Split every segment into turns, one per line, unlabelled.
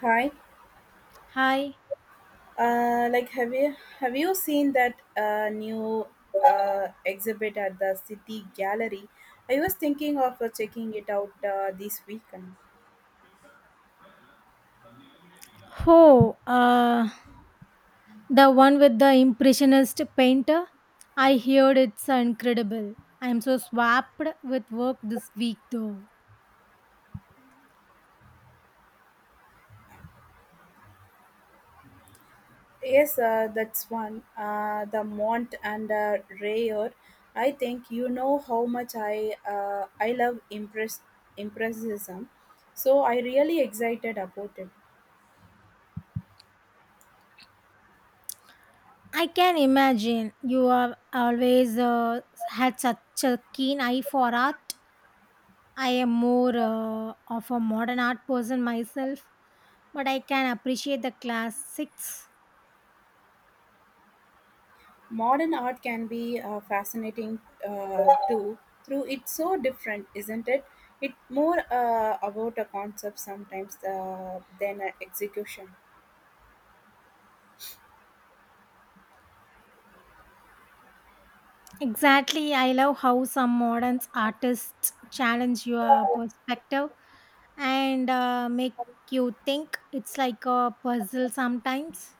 Hi,
Hi.
like have you seen that new exhibit at the City Gallery? I was thinking of checking it out this weekend.
Oh, the one with the impressionist painter. I heard it's incredible. I'm so swamped with work this week, though.
Yes, that's one. The Mont and Rayer. I think you know how much I I love impressionism, so I really excited about it.
I can imagine you have always had such a keen eye for art. I am more of a modern art person myself, but I can appreciate the classics.
Modern art can be fascinating too, through it's so different, isn't it? It more about a concept sometimes than an execution.
Exactly. I love how some modern artists challenge your perspective and make you think. It's like a puzzle sometimes.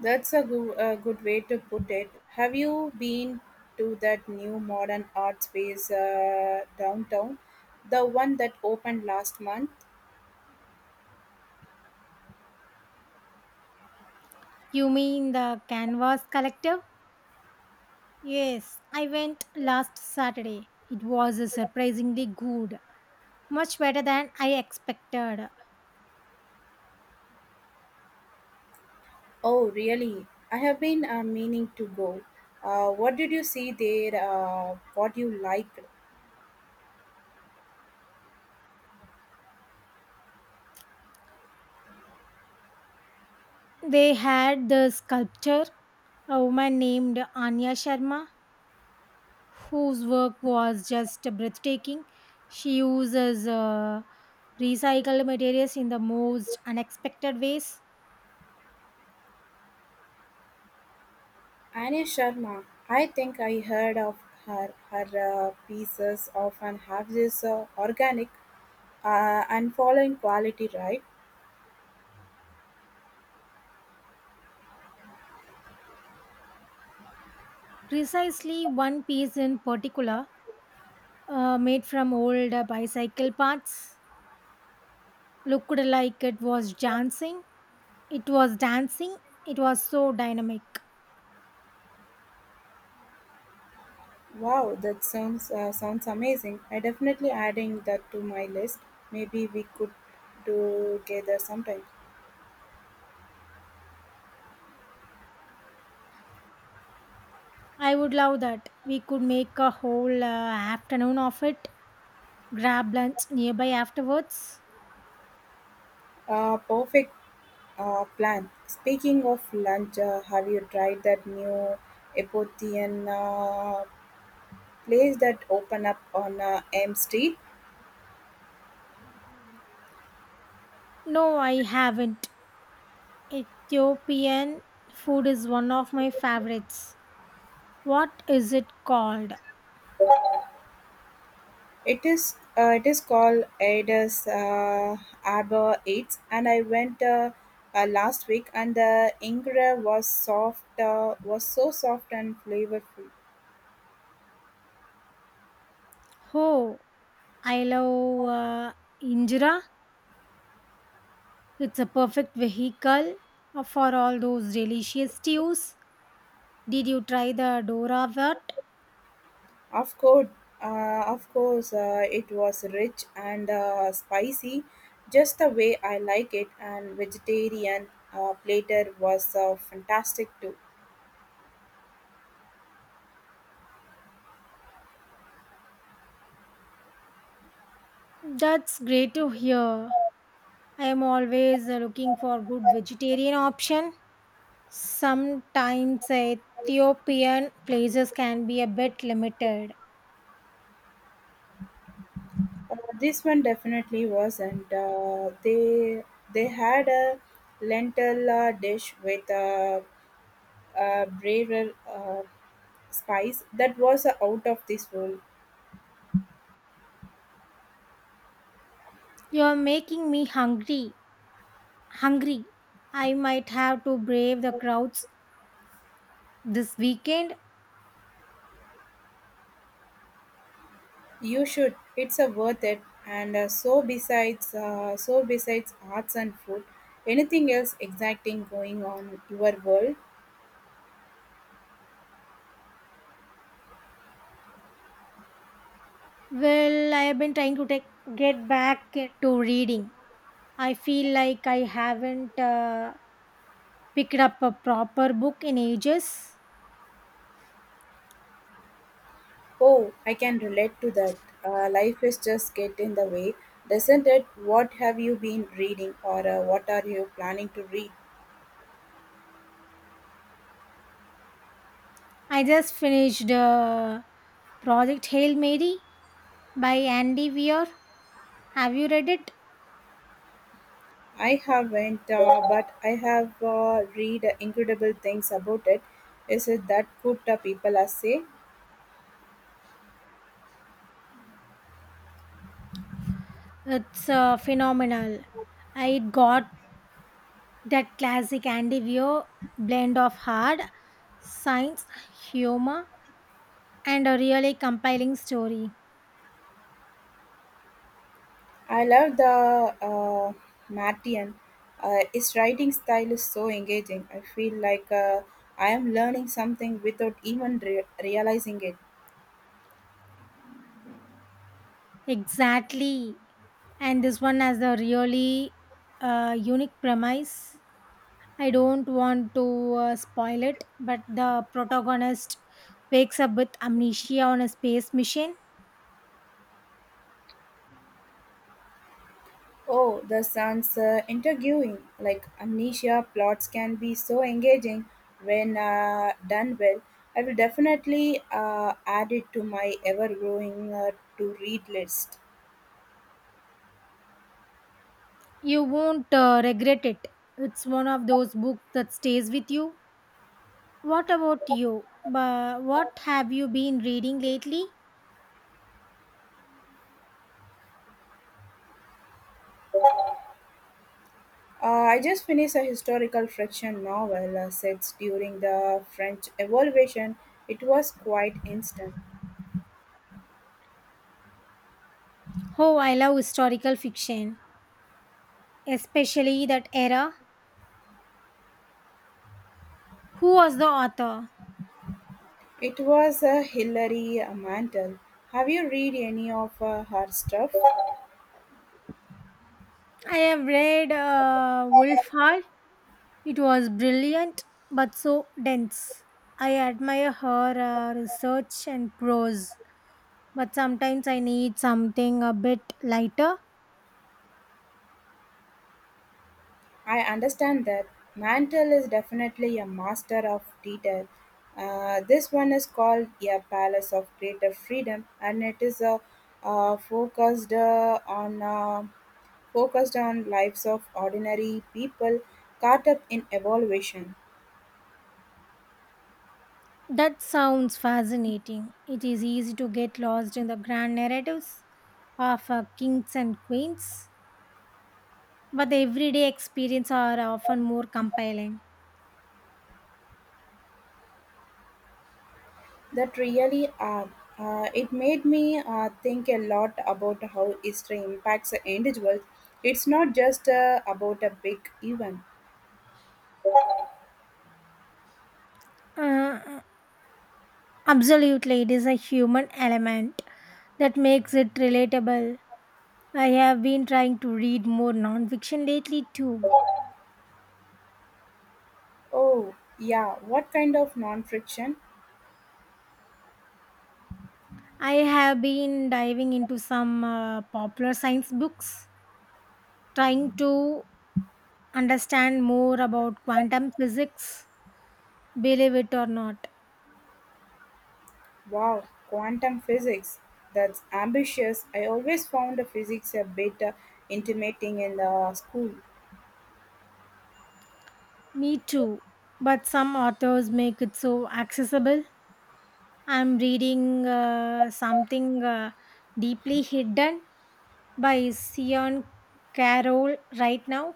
That's a good way to put it. Have you been to that new modern art space downtown? The one that opened last month?
You mean the Canvas Collective? Yes, I went last Saturday. It was surprisingly good, much better than I expected.
Oh, really? I have been meaning to go. What did you see there? What you liked?
They had the sculpture, a woman named Anya Sharma, whose work was just breathtaking. She uses recycled materials in the most unexpected ways.
Annie Sharma, I think I heard of her. Her pieces often have this organic and following quality, right?
Precisely one piece in particular, made from old bicycle parts, looked like it was dancing. It was dancing. It was so dynamic.
Wow, that sounds amazing. I definitely adding that to my list. Maybe we could do together sometime.
I would love that. We could make a whole afternoon of it. Grab lunch nearby afterwards.
Perfect plan. Speaking of lunch, have you tried that new Ethiopian place that open up on M Street?
No, I haven't. Ethiopian food is one of my favorites. What is it called?
It is called Aedes Abba 8, and I went last week, and the ingre was soft was so soft and flavorful.
Oh, I love injera. It's a perfect vehicle for all those delicious stews. Did you try the Dora wort?
Of course, of course it was rich and spicy, just the way I like it, and vegetarian platter was fantastic too.
That's great to hear. I am always looking for good vegetarian option. Sometimes Ethiopian places can be a bit limited.
This one definitely was, and they had a lentil dish with a braver spice that was out of this world.
You are making me hungry. I might have to brave the crowds this weekend.
You should. It's worth it. And so besides arts and food, anything else exacting going on your world?
Well, I have been trying to get back to reading. I feel like I haven't picked up a proper book in ages.
Oh, I can relate to that. Life is just get in the way, doesn't it? What have you been reading, or what are you planning to read?
I just finished Project Hail Mary by Andy Weir. Have you read it?
I haven't, but I have read incredible things about it. Is it that good? People are say.
It's phenomenal. I got that classic Andy Weir blend of hard science, humor, and a really compiling story.
I love the uh, Martian. His writing style is so engaging. I feel like I am learning something without even realizing it.
Exactly. And this one has a really unique premise. I don't want to spoil it, but the protagonist wakes up with amnesia on a space mission.
Oh, the sounds intriguing. Like amnesia plots can be so engaging when done well. I will definitely add it to my ever-growing to-read list.
You won't regret it. It's one of those books that stays with you. What about you? But what have you been reading lately?
Uh, I just finished a historical fiction novel set during the French Revolution. It was quite instant.
Oh, I love historical fiction, especially that era. Who was the author?
It was Hilary Mantel. Have you read any of her stuff?
I have read Wolf Hall. It was brilliant, but so dense. I admire her research and prose, but sometimes I need something a bit lighter.
I understand that Mantle is definitely a master of detail. This one is called a palace of creative freedom, and it is uh, focused uh, on uh, focused on lives of ordinary people caught up in evolution.
That sounds fascinating. It is easy to get lost in the grand narratives of kings and queens, but the everyday experience are often more compelling.
That really are. It made me think a lot about how history impacts individuals. It's not just about a big event.
Uh, absolutely, it is a human element that makes it relatable. I have been trying to read more nonfiction lately too.
Oh, yeah, what kind of non friction?
I have been diving into some popular science books, trying to understand more about quantum physics, believe it or not.
Wow, quantum physics. That's ambitious. I always found the physics a bit intimidating in the school.
Me too. But some authors make it so accessible. I'm reading something deeply hidden by Sion Carroll right now.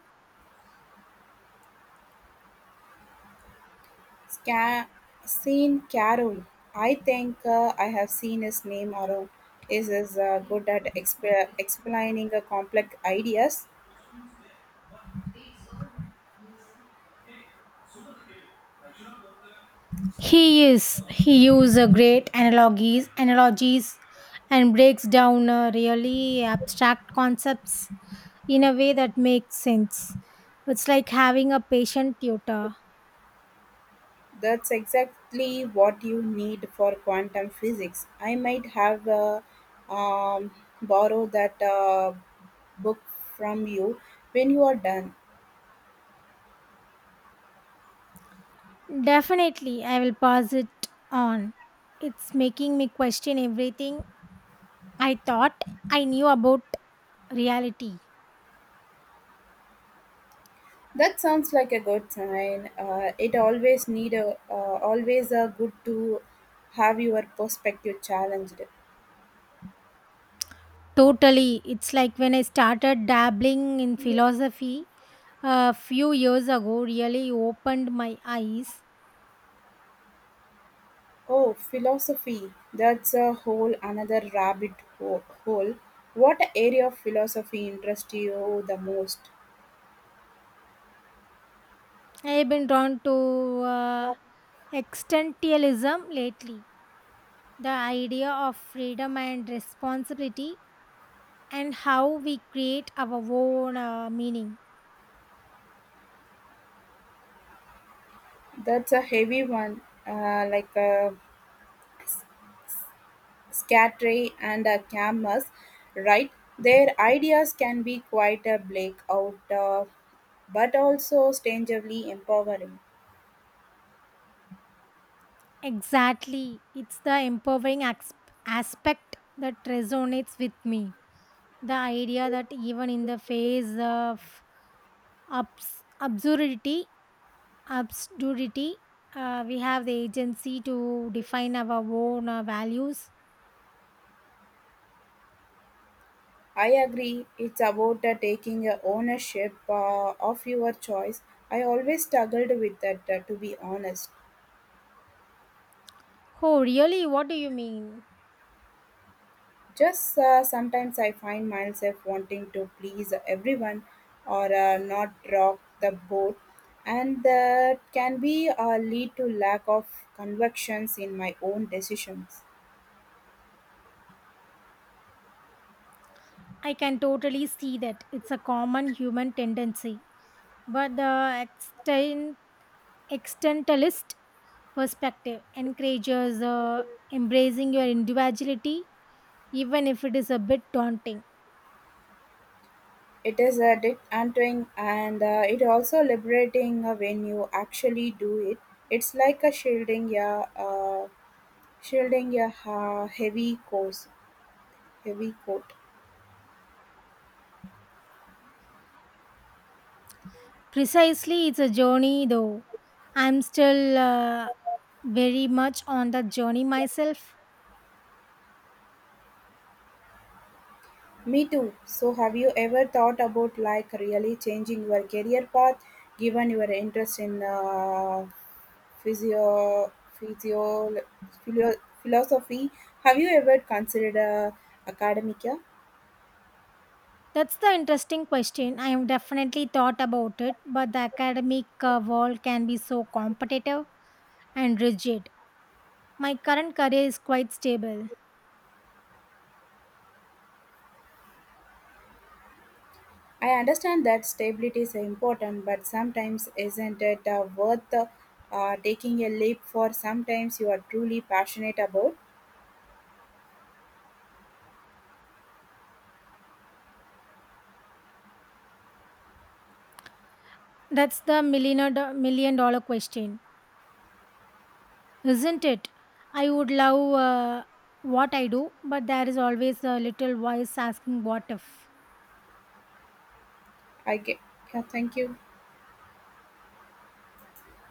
Sca- Seen Carol. I think I have seen his name around. Is good at explaining complex ideas.
He is. He uses great analogies and breaks down really abstract concepts in a way that makes sense. It's like having a patient tutor.
That's exactly what you need for quantum physics. I might have um, borrowed that book from you when you are done.
Definitely, I will pass it on. It's making me question everything I thought I knew about reality.
That sounds like a good sign. It always need a always a good to have your perspective challenged.
Totally. It's like when I started dabbling in philosophy a few years ago, really opened my eyes.
Oh, philosophy. That's a whole another rabbit hole. What area of philosophy interests you the most?
I've been drawn to uh, existentialism lately. The idea of freedom and responsibility and how we create our own meaning.
That's a heavy one, like a scattery and a camus, right? Their ideas can be quite a bleak out, but also strangely empowering.
Exactly. It's the aspect that resonates with me. The idea that even in the face of abs- absurdity, absurdity, we have the agency to define our own values.
I agree. It's about taking ownership of your choice. I always struggled with that, to be honest.
Oh, really? What do you mean?
Just sometimes I find myself wanting to please everyone or not rock the boat, and that can be lead to lack of convictions in my own decisions.
I can totally see that. It's a common human tendency. But the externalist perspective encourages embracing your individuality, even if it is a bit daunting.
It is a disheartening and it also liberating when you actually do it. It's like a shielding, yeah. Shielding a ha heavy heavy coat.
Precisely, it's a journey though. I'm still very much on that journey myself.
Me too. So have you ever thought about like really changing your career path given your interest in physio, physio, philo, philosophy? Have you ever considered academia?
That's the interesting question. I have definitely thought about it, but the academic world can be so competitive and rigid. My current career is quite stable.
I understand that stability is important, but sometimes isn't it worth taking a leap for sometimes you are truly passionate about?
That's the million dollar question, isn't it? I would love what I do, but there is always a little voice asking what if.
I get, yeah, thank you.